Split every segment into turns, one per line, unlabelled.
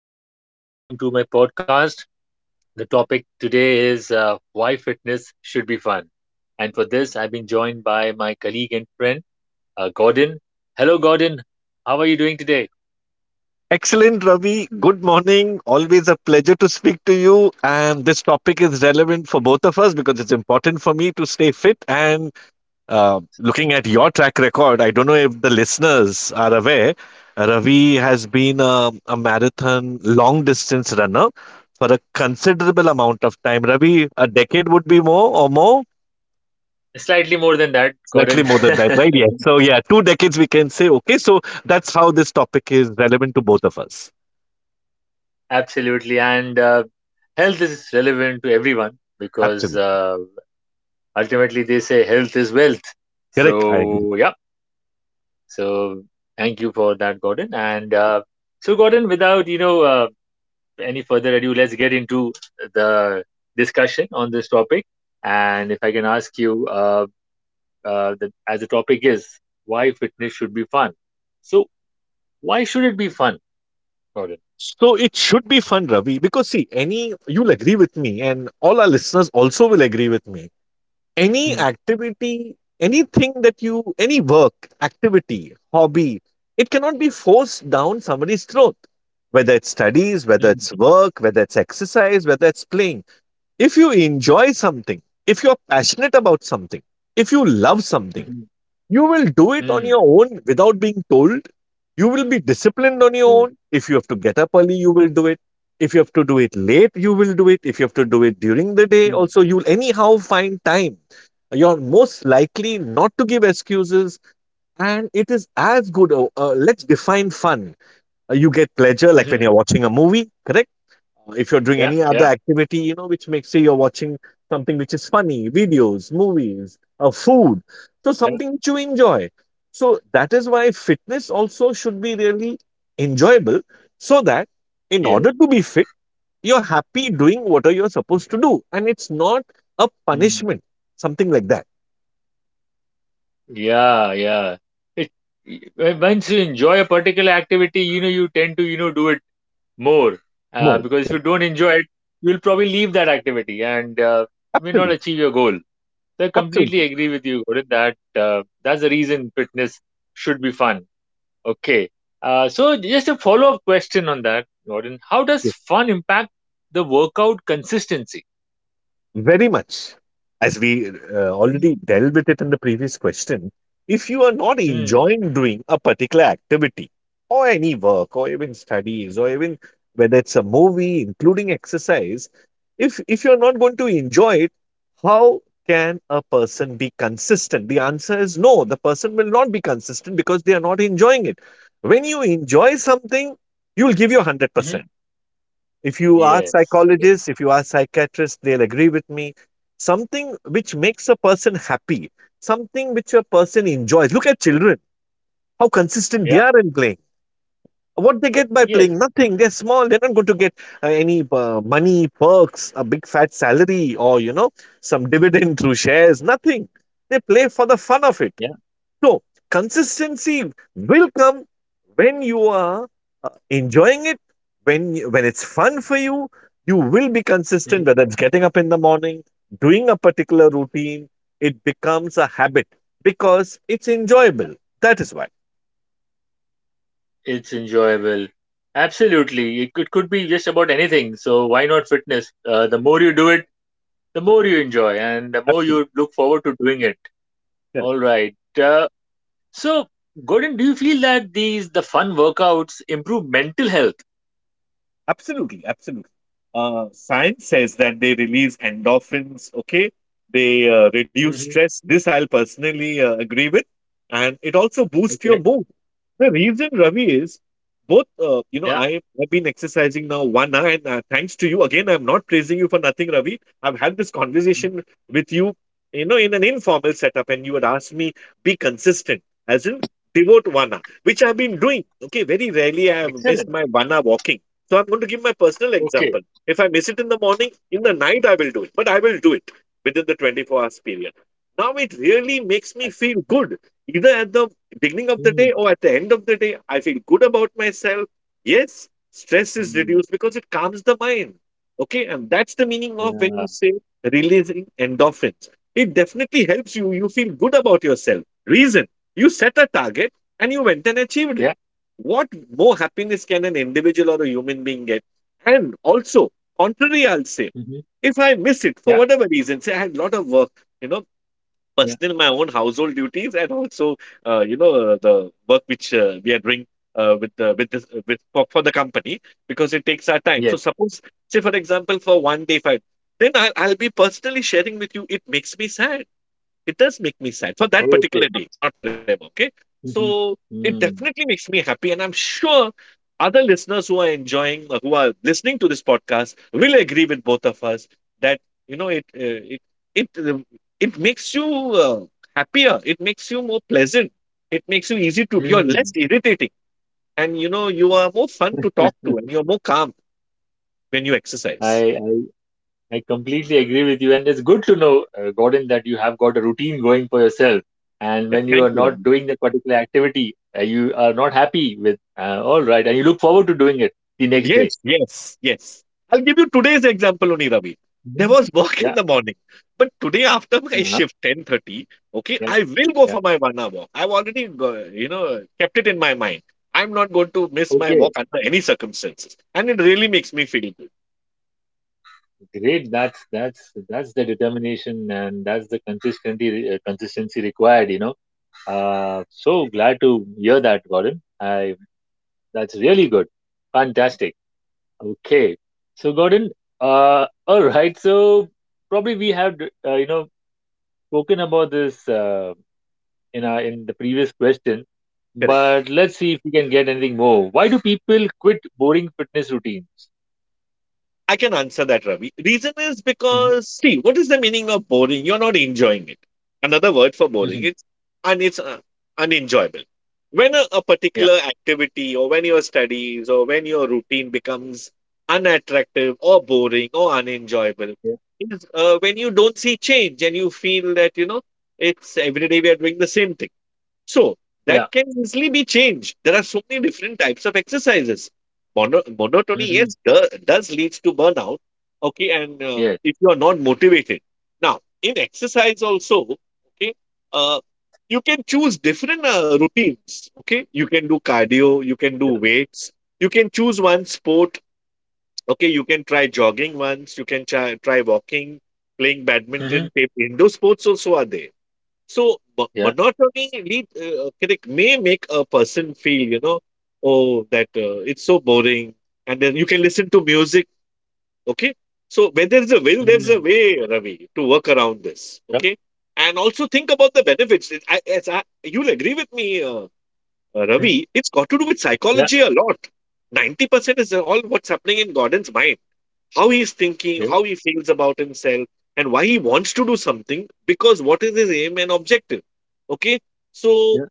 Is Ravi, and welcome to my podcast. The topic today is why fitness should be fun. And for this, I've been joined by my colleague and friend, Gordon. Hello, Gordon. How are you doing today?
Excellent, Ravi. Good morning. Always a pleasure to speak to you. And this topic is relevant for both of us because it's important for me to stay fit. And looking at your track record, I don't know if the listeners are aware. Ravi has been a marathon long distance runner for a considerable amount of time. Ravi, a decade would be more or more.
Slightly more than that,
Slightly
Gordon.
more than that, right? Yeah. So, yeah, 2 decades we can say. Okay. So, that's how this topic is relevant to both of us.
Absolutely. And health is relevant to everyone because
Absolutely.
ultimately they say health is wealth.
Correct. I
So, yeah. So, thank you for that, Gordon. And so, Gordon, without any further ado, let's get into the discussion on this topic. And if I can ask you, as the topic is why fitness should be fun. So, why should it be fun, Gordon?
So it should be fun, Ravi, because see, any you'll agree with me, and all our listeners also will agree with me. Any
Mm,
activity, anything that you, any work, activity, hobby, it cannot be forced down somebody's throat. Whether it's studies, whether
mm,
it's work, whether it's exercise, whether it's playing. If you enjoy something, if you're passionate about something, if you love something,
mhm,
you will do it
mm,
on your own without being told. You will be disciplined on your
yeah,
own. If you have to get up early, you will do it. If you have to do it late, you will do it. If you have to do it during the day,
mm,
also, you'll anyhow find time. You're most likely not to give excuses, and it is as good. Let's define fun. You get pleasure, like when
mhm.
you're watching a movie, correct? If you're doing
Yeah,
any other
yeah,
activity, which makes you're watching something which is funny, videos, movies, food, so
yeah,
something which you enjoy. So that is why fitness also should be really enjoyable, so that in
yeah,
order to be fit, you're happy doing what are you're supposed to do, and it's not a
mm,
punishment, something like that.
yeah, yeah. It, y- Once you enjoy a particular activity, you know, you tend to, you know, do it more,
More
because if you
correct.
don't enjoy it, you'll probably leave that activity, and you may not
Absolutely,
achieve your goal, so I completely
absolutely.
agree with you, Gorin, that that's the reason fitness should be fun. Okay. So just a follow-up question on that, Gordon. How does
Yes.
fun impact the workout consistency?
Very much. As we already dealt with it in the previous question, if you are not
Mm-hmm.
enjoying doing a particular activity or any work or even studies or even whether it's a movie, including exercise, if you're not going to enjoy it, how can a person be consistent? The answer is no, the person will not be consistent because they are not enjoying it. When you enjoy something, you'll give your
Hmm.
100%. If you ask
Yes. Yes.
psychologists, if you ask psychiatrists, they'll agree with me. Something which makes a person happy, something which a person enjoys. Look at children, how consistent they
Yeah.
are in playing. What they get by
Yes.
playing? Nothing. They're small. They're not going to get any money, perks, a big fat salary, or, some dividend through shares. Nothing. They play for the fun of it.
Yeah.
So, consistency will come when you are enjoying it, when it's fun for you will be consistent,
Hmm.
whether it's getting up in the morning, doing a particular routine. It becomes a habit because it's enjoyable. That is why.
It's enjoyable. Absolutely. It could be just about anything. So why not fitness? The more you do it, the more you enjoy and the more
Absolutely.
you look forward to doing it. All right. Uh, so, Gordon, do you feel that these the fun workouts improve mental health?
Absolutely, absolutely. Science says that they release endorphins, okay? They reduce
Hmm.
stress. This I'll personally agree with. And it also boosts your
Okay.
mood. The reason, Ravi, is both,
Yeah.
I have been exercising now 1 hour, and thanks to you, again, I'm not praising you for nothing, Ravi. I've had this
Mhm.
conversation with you, in an informal setup, and you had asked me, be consistent, as in devote 1 hour, which I've been doing. Okay, very rarely I have missed
Excellent.
my 1 hour walking, so I'm going to give my personal
Okay.
example. If I miss it in the morning, in the night I will do it, but I will do it within the 24 hours period. Now it really
That-
makes me feel good. Either at the beginning of
mm,
the day or at the end of the day, I feel good about myself. Yes, stress is
mm,
reduced because it calms the mind. Okay, and that's the meaning of when
yeah.
you say releasing endorphins. It definitely helps you. You feel good about yourself. Reason, you set a target and you went and achieved
Yeah.
it. What more happiness can an individual or a human being get? And also, contrary, I'll say,
Hmm.
if I miss it for
Yeah.
whatever reason, say I had a lot of work, you know,
Yeah.
personal, my own household duties, and also, the work which we are doing with the with this with for the company, because it takes our time.
Yes.
So suppose, say for example, for one day, if I then I'll be personally sharing with you. It makes me sad. It does make me sad for that particular
Okay.
day, not forever. Okay.
Mm-hmm,
So it
hmm,
definitely makes me happy. And I'm sure other listeners who are who are listening to this podcast will agree with both of us that, you know, it, uh, it, it, uh, it makes you uh, happier. It makes you more pleasant. It makes you easy to,
mm.
you're less
Mm.
irritating. And you are more fun to talk to and you're more calm when you exercise.
I. I completely agree with you, and it's good to know, Gordon, that you have got a routine going for yourself. And
Yeah.
when you
Thank
are
you,
not
Ravi.
doing that particular activity, you are not happy with. All right, and you look forward to doing it the next day.
Yes, yes, yes. I'll give you today's example only, Ravi. There
Mhm.
was work in
Yeah,
the morning, but today after my
uh-huh.
shift, 10:30, okay,
Yeah,
I will go
yeah.
for my 1 hour walk. I've already, kept it in my mind. I'm not going to miss my
Okay,
walk under any circumstances. And it really makes me feel good.
great. That's the determination, and that's the consistency consistency required. You know, so glad to hear that, Gordon. I, that's really good, fantastic. Okay. So, Gordon, all right. So, probably we have, uh, you know, spoken about this in the previous question,
Correct.
but let's see if we can get anything more. Why do people quit boring fitness routines?
I can answer that, Ravi. Reason is
Hmm.
because, see, what is the meaning of boring? You're not enjoying it. Another word for boring,
Hmm.
it's and it's unenjoyable. When a
Yeah.
particular activity or when your studies or when your routine becomes unattractive or boring or unenjoyable,
Yeah.
it is, when you don't see change and you feel that, it's every day we are doing the same thing, so that
Yeah.
can easily be changed. There are so many different types of exercises. Monotony,
Hmm.
yes, does leads to burnout. Okay, and
Yes.
if you are not motivated, now in exercise also, okay, uh, you can choose different routines. Okay, you can do cardio, you can do weights, you can choose one sport. Okay, you can try jogging once, you can try walking, playing
Hmm.
badminton, indoor sports also are there. So
Yeah.
monotony lead correct may make a person feel, oh, that it's so boring. And then you can listen to music. Okay. So when there's a will, there's a
Hmm.
way, Ravi, to work around this.
Yeah.
Okay. And also think about the benefits. You'll agree with me,
Mhm.
Ravi, it's got to do with
Yeah.
psychology a lot. 90% is all what's happening in Gordon's mind, how he's thinking,
Yeah.
how he feels about himself, and why he wants to do something, because what is his aim and objective. Okay, so
Yeah.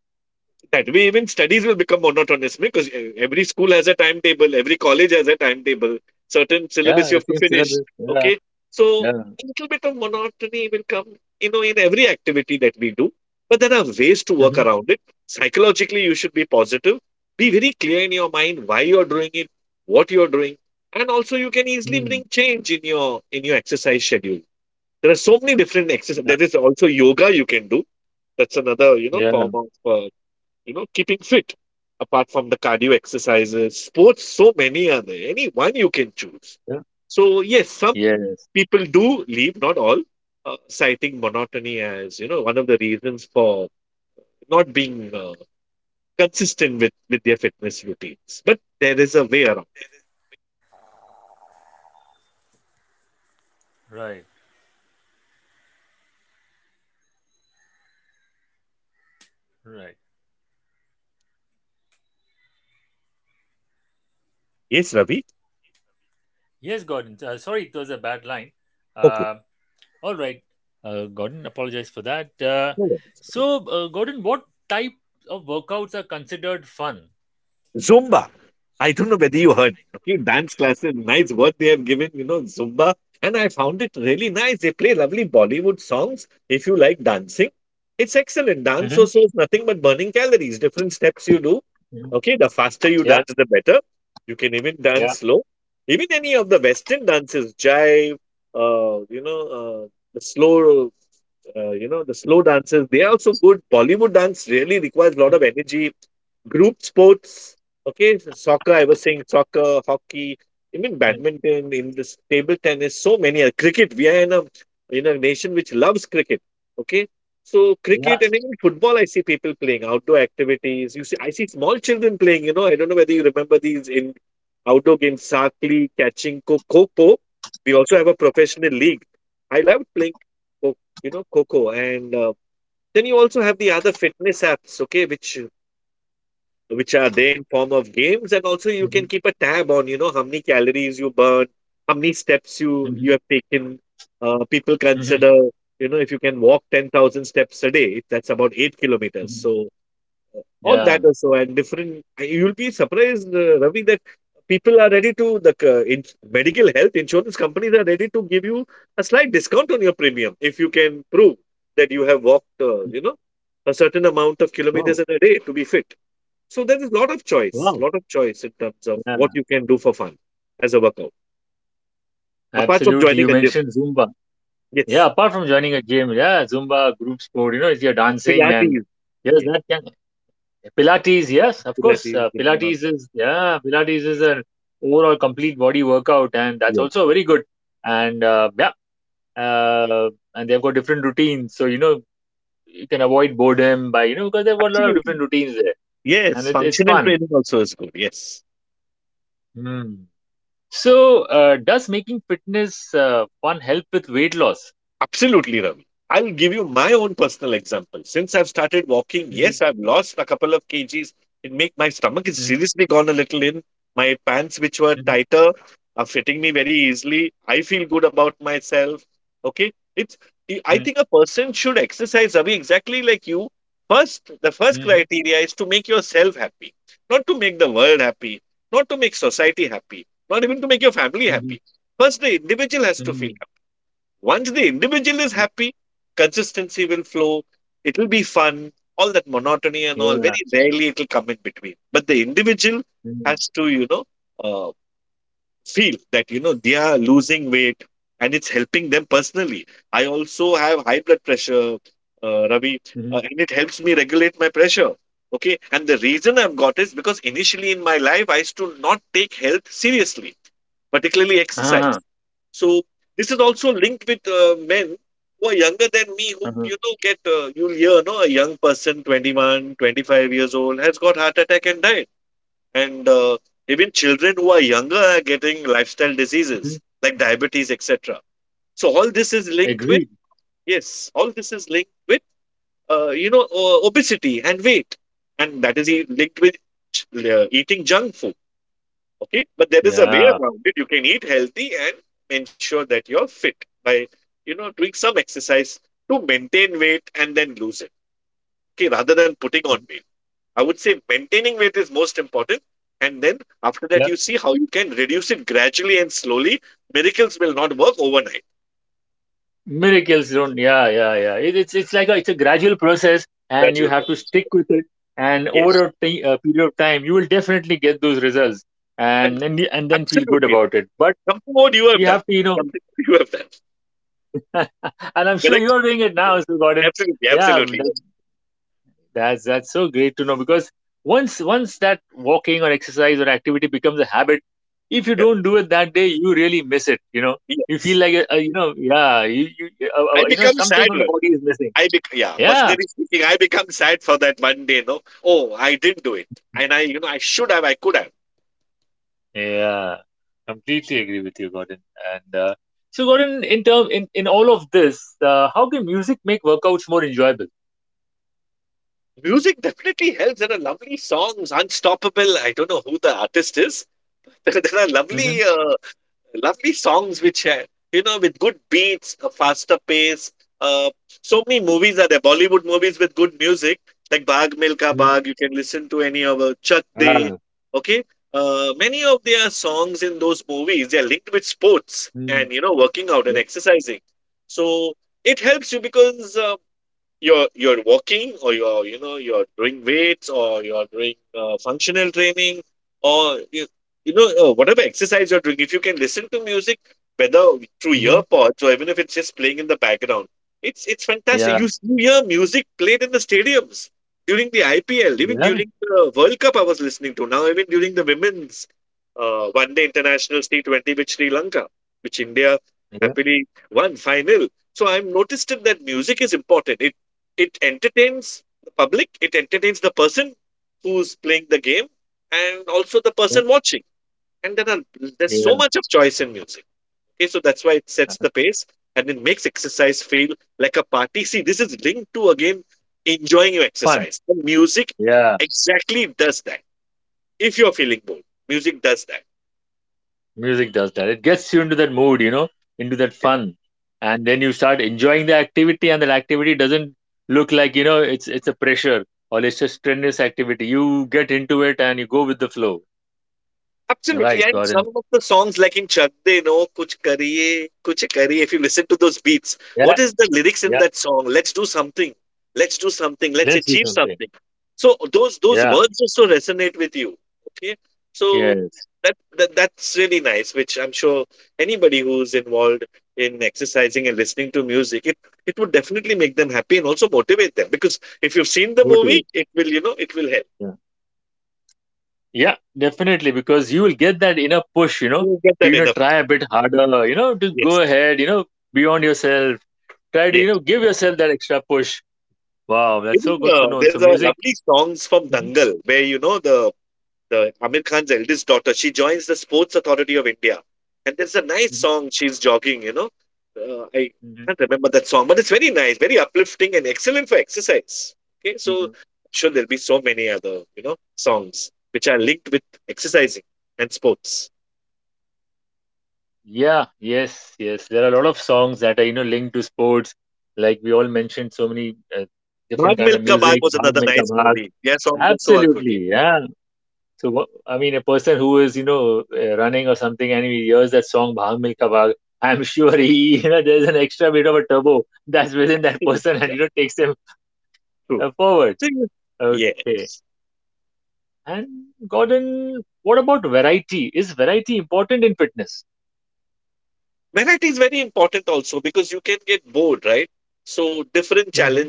that way even studies will become monotonous, because every school has a timetable, every college has a timetable, certain syllabus you
Yeah.
have to
Same
finish.
syllabus. Yeah.
Okay, so
Yeah.
a little bit of monotony will come, in every activity that we do, but there are ways to work
Hmm.
around it. Psychologically, you should be positive, be very clear in your mind why you're doing it, what you're doing. And also you can easily
Hmm.
bring change in your exercise schedule. There are so many different exercises.
Yeah.
There is also yoga you can do. That's another
Yeah.
form of keeping fit. Apart from the cardio exercises, sports, so many are there. Any one you can choose.
Yeah.
So yes, some
Yes.
people do leave, not all, citing monotony as one of the reasons for not being consistent with their fitness routines. But there is a way around. Yes, Ravi. Okay. No worries. Zumba. I don't know whether you heard. Okay, dance classes, nice what they have given, Zumba. And I found it really nice. They play lovely Bollywood songs. If you like dancing, it's excellent. Dance
Mm-hmm.
also is nothing but burning calories. Different steps you do.
Hmm.
Okay, the faster you
Yeah.
dance, the better. You can even
Yeah.
dance slow. Even any of the Western dances, jive, uh, you know, uh, the slow, the slow dances, they are also good. Bollywood dance really requires a lot of energy. Group sports, okay, so soccer, I was saying soccer, hockey, even
Mm,
badminton, in this table tennis, so many are cricket. We are in a nation which loves cricket. Okay. So
yeah.
cricket and even football, I see people playing outdoor activities. You see, I see small children playing. I don't know whether you remember these in outdoor games, Sakli, catching co Coco. We also have a professional league. I love playing, co- Coco. And Then you also have the other fitness apps, okay, which are there in form of games, and also you can
Mm-hmm.
keep a tab on, you know, how many calories you burn, how many steps you
Mm-hmm.
have taken. People consider, you know, if you can walk 10,000 steps a day, that's about 8 kilometers.
Hmm.
So all
Yeah.
that also, and different, you'll be surprised, Ravi, that people are ready to medical health insurance companies are ready to give you a slight discount on your premium if you can prove that you have walked, you know, a certain amount of kilometers
Oh.
in a day to be fit. So there is a
Wow.
lot of choice in terms of
Yeah.
what you can do for fun as a workout, apart from
Absolutely.
joining
You
a gym.
mentioned Zumba. Yeah.
Yes,
Apart from joining a gym, yeah, Zumba, group sport. You know, if you're dancing and
Pilates.
yes,
Yes,
that can Pilates. Yes, of course.
Pilates. Zumba.
Pilates is yeah. Pilates is an overall complete body workout, and that's
Yes,
also very good. And yeah. And they've got different routines, so you know you can avoid boredom, by you know, because they've got a lot of different
absolutely.
routines there. And
Yes,
it's
functional
fun.
training also is good. Yes.
Hmm. So, does making fitness fun help with weight loss?
Absolutely, Ravi. I'll give you my own personal example. Since I've started walking,
Mhm,
yes, I've lost a couple of kgs. It make my stomach is
mhm,
seriously gone a little in. My pants, which were
mhm,
tighter, are fitting me very easily. I feel good about myself. Okay, it's. I think a person should exercise, Ravi, exactly like you. First, the first
mhm,
criteria is to make yourself happy, not to make the world happy, not to make society happy, not even to make your family
mhm,
happy. First, the individual has to feel,
mhm,
once the individual is
mhm.
happy, consistency will flow. It will be fun. All that monotony and all,
Yeah.
very rarely it will come in between. But the individual
Mhm,
has to, you know, uh, feel that, you know, they are losing weight and it's helping them personally. I also have high blood pressure, Ravi,
mhm.
and it helps me regulate my pressure. Okay. And the reason I've got is because initially in my life, I used to not take health seriously, particularly exercise.
Uh-huh,
So this is also linked with men who are younger than me who,
uh-huh,
you know, get, you'll hear, no, a young person, 21, 25 years old, has got heart attack and died. And Even children who are younger are getting lifestyle
mhm.
diseases like diabetes, etc. So all this is linked with,
Agreed.
yes, all this is linked with, you know, obesity and weight. And that is linked with eating junk food. Okay, but there is a way
Yeah.
around it. You can eat healthy and ensure that you're fit by, you know, doing some exercise to maintain weight and then lose it, okay, rather than putting on weight. I would say maintaining weight is most important, and then after that
Yeah.
you see how you can reduce it gradually and slowly. Miracles will not work overnight.
Miracles don't. Yeah, yeah, yeah. It's like a, it's a gradual process, and you
Gradual
have
growth.
to stick with it. And
Yes,
over a period of time, you will definitely get those results,
and
and then you- and then feel good
absolutely
about it.
right.
But
Something what you have
you
done,
have to, you know,
something what you have done.
and I'm sure
Correct.
you're doing it now, Sir Gordon.
Absolutely,
Yeah,
absolutely,
that,
yes.
that's that's so great to know because once that walking or exercise or activity becomes a habit, if you
Correct.
don't do it that day, you really miss it. You know, you feel
Yes,
like you know, yeah, you
I
you know
become
something
sad,
from the
right?
body is missing.
I bec Yeah,
Yeah,
personally speaking, I become sad for that one day, no. Oh, I didn't do it. And I, you know, I should have, I could have.
yeah, completely agree with you, Gordon. And so, Gordon, in term in all of this, how can music make workouts more enjoyable?
Music definitely helps. There are lovely songs, Unstoppable. I don't know who the artist is. There are
Mm-hmm.
lovely lovely songs which had, you know, with good beats, a faster pace. uh, so many movies are there, Bollywood movies with good music, like Bag Milka Bag.
Mm-hmm.
You can listen to any of, Chak De.
Ah.
Okay. Many of their songs in those movies, they are linked with sports
Mm,
and, you know, working out and
yeah.
exercising. So it helps you because, you're walking, or you're, you know, you're doing weights, or you're doing, functional training, or you know, whatever exercise you're doing, if you can listen to music, whether through
Mm-hmm.
earpods or even if it's just playing in the background, it's fantastic.
Yeah.
You you hear music played in the stadiums during the IPL, even
Yeah,
during the World Cup. I was listening to now, even during the women's, one day international T20 with Sri Lanka, which India
yeah,
happily won final. So I've noticed it that music is important. It entertains the public, it entertains the person who's playing the game and also the
yeah,
person watching. And there are, there's so
yeah.
much of choice in music. Okay, so that's why it sets the pace, and it makes exercise feel like a party. See, this is linked to, again, enjoying your
Fun.
exercise, and music
Yeah,
exactly does that. If you're feeling bored, music does that.
music does that. It gets you into that mood, you know, into that fun, and then you start enjoying the activity, and that activity doesn't look like, you know, it's a pressure or it's a strenuous activity. You get into it and you go with the flow.
Absolutely,
Right,
and
Gordon.
some of the songs like in Chak De No, Kuch Kariye, Kuch Kariye, if you listen to those beats,
Yeah,
what is the lyrics in
yeah.
that song? Let's do something. Let's do something. Let's
Let's do
achieve
something.
something. So those
Yeah,
words also resonate with you. Okay. So
yes.
that that's really nice, which I'm sure anybody who's involved in exercising and listening to music, it would definitely make them happy and also motivate them. Because if you've seen the movie,
Motivation.
it will, you know, it will help.
Yeah. Yeah, definitely, because you will get that inner push, you know,
You get
to
that
you know
enough.
try a bit harder, you know, to go
Yes.
ahead, you know, beyond yourself. Try to
Yes.
you know give yourself that extra push. Wow, that's
Even,
so good to know.
there's
So
a
music.
lovely songs from
Mhm,
Dangal, where, you know, the Amir Khan's eldest daughter, she joins the Sports Authority of India, and there's a nice
mhm,
song. She's jogging. You know, I
mhm,
can't remember that song, but it's very nice, very uplifting, and excellent for exercise. Okay, so
mhm.
sure there'll be so many other, you know, songs which are linked with exercising and sports.
Yeah, yes, yes. There are a lot of songs that are you know linked to sports, like we all mentioned, so many
Bhag
different
Milka
kind
Bhag
of
was
music.
another
Bhag
nice
Mein ka
movie.
Bhag.
Their songs also are good. Yeah.
Absolutely, yeah. So what, I mean, a person who is you know running or something, and he hears that song "Bhag Milka Bhag," I'm sure he you know there's an extra bit of a turbo that's within that person, and you know takes him forward. Okay. And Gordon, what about variety? Is variety important in fitness? Mm-hmm.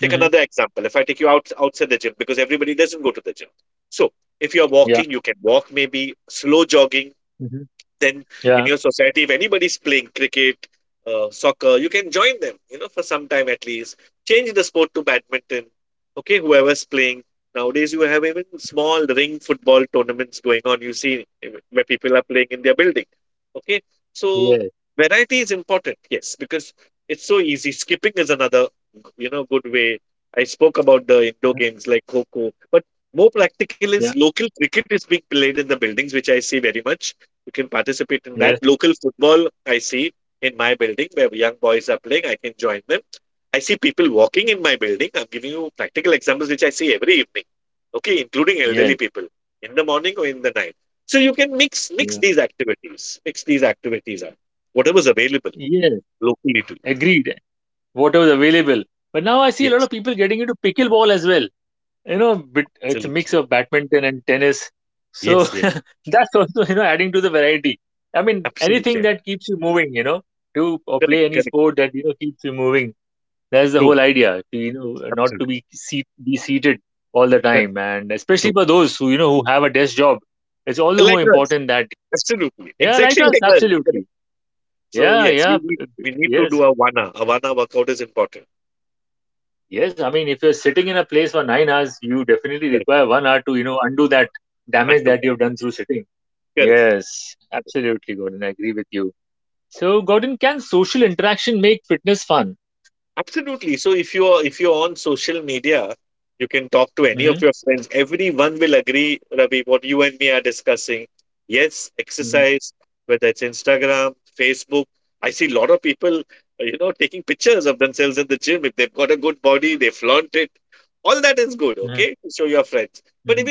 Mm-hmm. Yeah. Mm-hmm. Yeah. Yes. Yeah. Yes. Yes. Yeah. Yes. Agreed. Whatever's available. But now I see a lot of people getting into pickleball as well. You know bit, it's a mix of badminton and tennis, so that's also you know adding to the variety. I mean anything that keeps you moving, you know, do or play any sport that you know keeps you moving. That's the whole idea, to you know not to be seat, be seated all the time, and especially for those who you know who have a desk job, it's all the more important that yeah like us absolutely, yeah, yeah, yes, yes, I mean if you're sitting in a place for 9 hours you definitely require 1 hour to you know undo that damage that you've done through sitting. Yes, absolutely, Gordon. I agree with you. So, Gordon, can social interaction make fitness fun? Hmm. Hmm. Hmm. Hmm.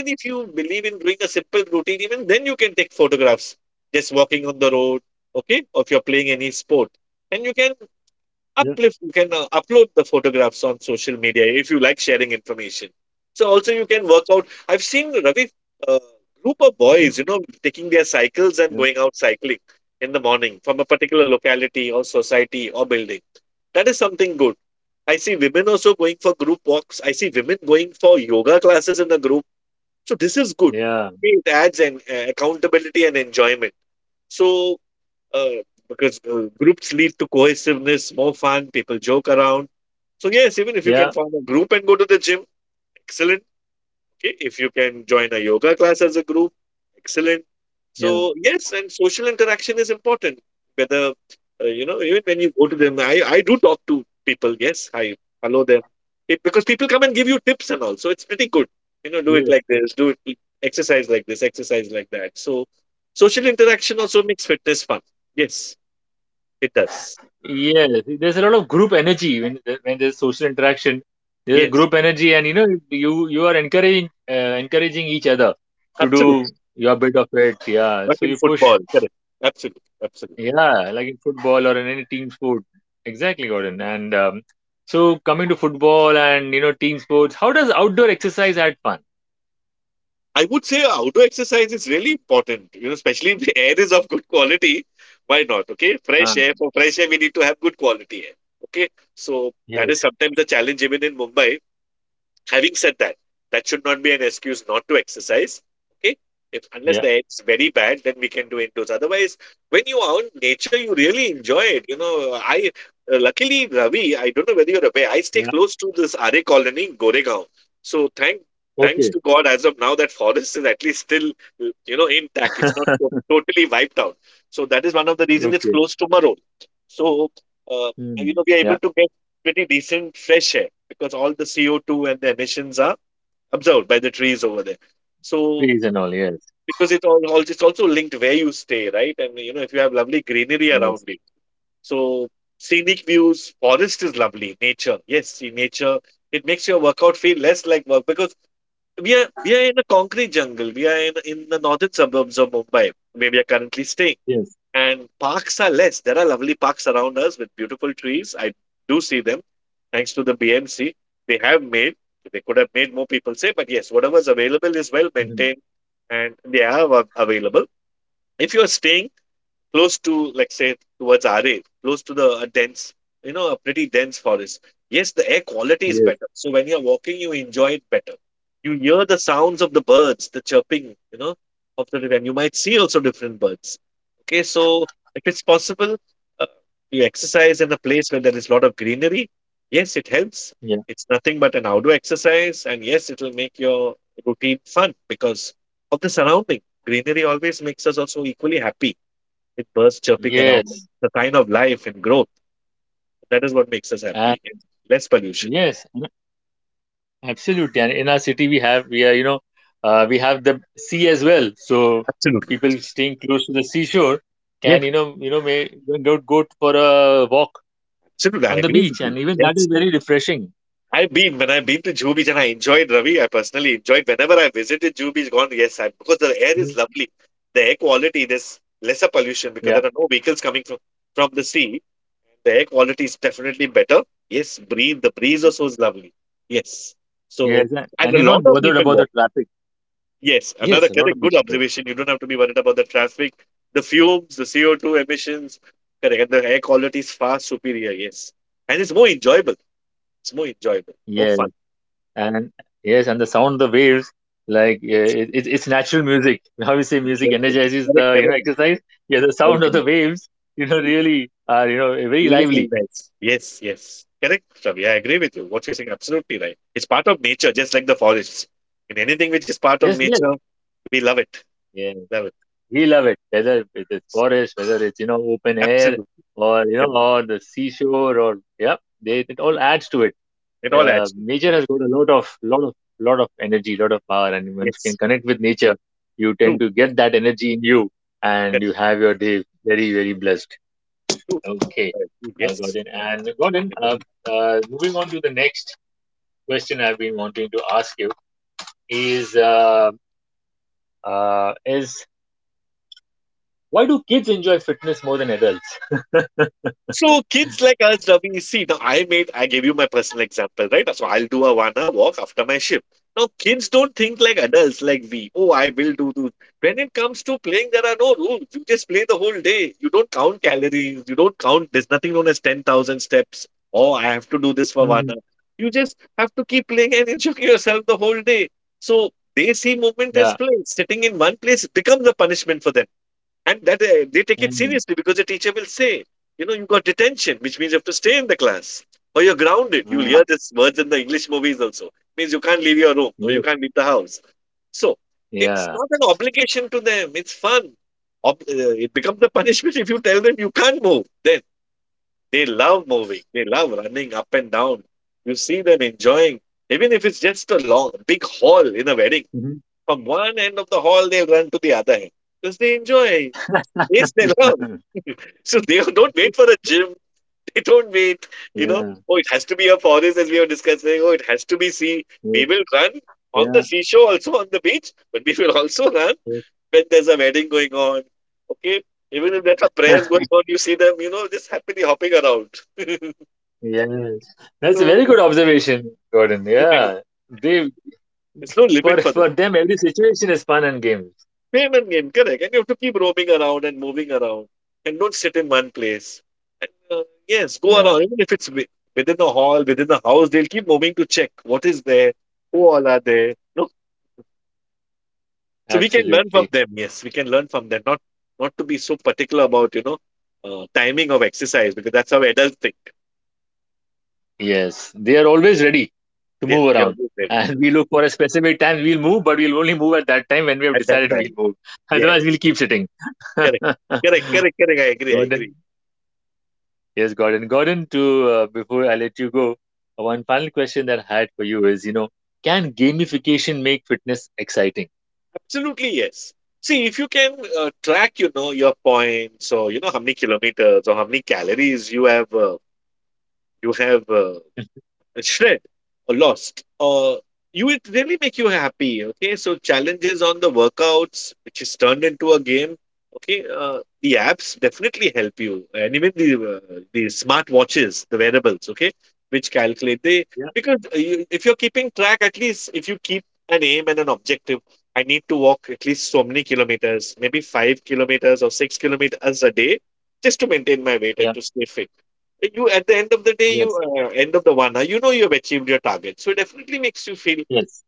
Yeah, mhm, yeah, yeah, yeah, yeah. Yes, yes. There's a lot of group energy when when there's social interaction. There's a group energy, and you know, you are encouraging encouraging each other to do your bit of it. Yeah. So you push yeah, like in football or in any team sport. Exactly, Gordon. And so coming to football and you know team sports, how does outdoor exercise add fun? Ah, yes. Yeah. Yeah. Okay. Okay. Hmm. Yeah. Trees and all. Yes. Yes. Yes. Mhm. Yes. Yeah. Yes. And yes. Absolutely, and in our city we have we are you know we have the as well. So people staying close to the seashore can you know may go for a walk on the beach, and even that is very refreshing. Mhm. Yeah, yes, and you're not bothered about the traffic. Yes, a lot of people go. Yes, and yes, and the sound of the waves like yeah, it's natural music. How we say music energizes the you know exercise. Yeah, the sound of the waves you know really are you know very lively. Yes, yes. Yeah, we love it. Whether it is forest, whether it's you know open air, or you know, or the seashore, or yeah, they it all adds to it. Nature has got a lot of energy, lot of power, and when you can connect with nature, you tend to get that energy in you, and you have your day very very blessed. Okay, Gordon, moving on to the next question I've been wanting to ask you is is, why do kids enjoy fitness more than adults? Mhm. Yeah. Mm. Wow. Yes. Yeah. Mhm. Yeah. Yes. Yeah. Yeah. Yes. Yes. That's a very good observation, Gordon. Yeah. They, for them every situation is fun and games. Yeah, absolutely. Yes, they are always ready to move around. And we look for a specific time, we'll move, but we'll only move at that time when we have decided we'll move. Otherwise, we'll keep sitting. Gordon, yes, Gordon. Gordon, to before I let you go, one final question that I had for you is, you know, can gamification make fitness exciting? Yeah, yeah, yes, yes.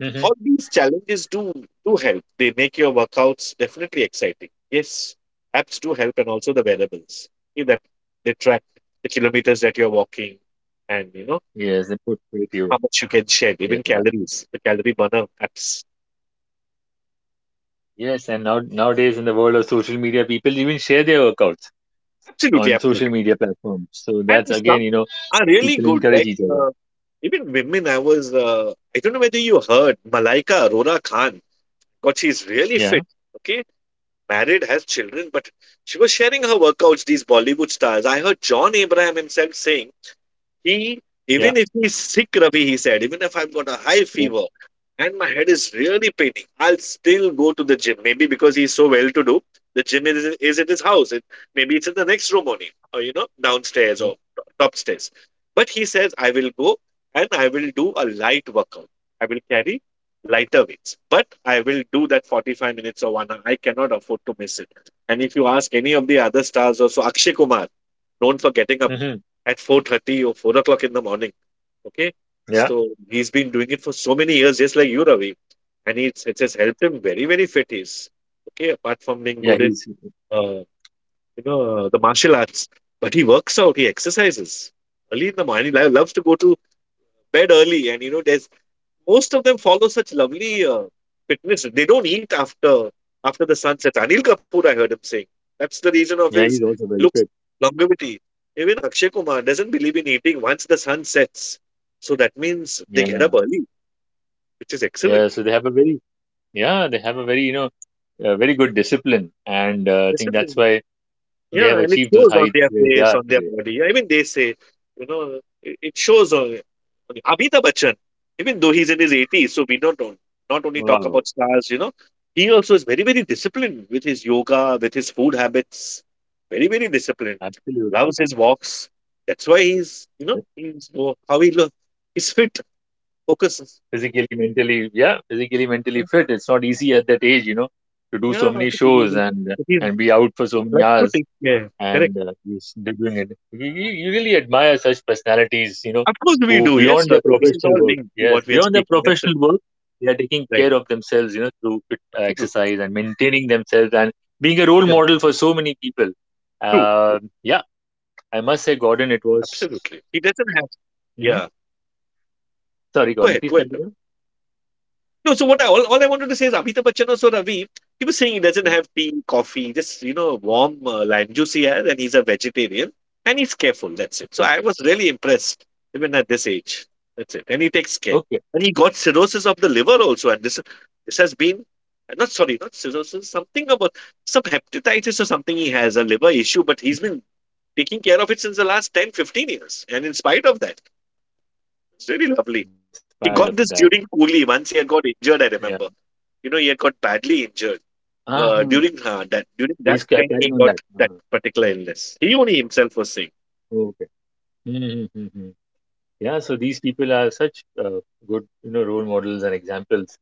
Hmm. Yes, I put with you. Yeah. Yes, and now nowadays in the world of social media, people even share their workouts on social media platforms. So that's again, you know, people encourage each other. Yeah, yeah, yeah, yeah. Hmm. Yeah, yeah. He's yeah, he's also very fit. Yeah, yeah. So they have a very yeah, they have a very you know very good discipline, and I think that's why they have achieved those heights where they are today. Wow, absolutely. Yeah. Physically, mentally, yeah, physically, mentally fit. It's not easy at that age, you know, to do so many shows and be out for so many hours and he's doing it. You really admire such personalities, you know, who beyond their professional work, yes, beyond their professional work, they are taking care of themselves, you know, through fit, exercise and maintaining themselves and being a role model for so many people. Yeah, I must say, Gordon, it was. Mhm. Sorry, Gordon, please continue. Yeah, okay. Okay, in spite of that, yeah. Uh-huh. Please carry on that. Uh-huh. Okay. Mm-hmm. Mm-hmm. Yeah, so these people are such good, you know, role models and examples.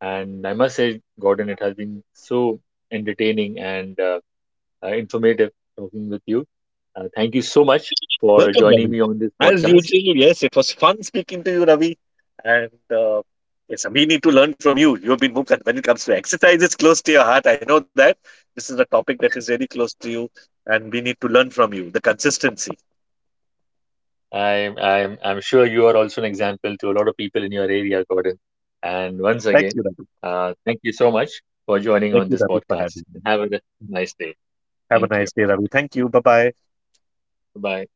And I must say, Gordon, it has been so entertaining and informative talking with you. Thank you so much for joining me on this podcast. I'm sure you are also an example to a lot of people in your area, Gordon. And once again, thank you so much for joining on this podcast. Have a nice day. Thank you. Bye.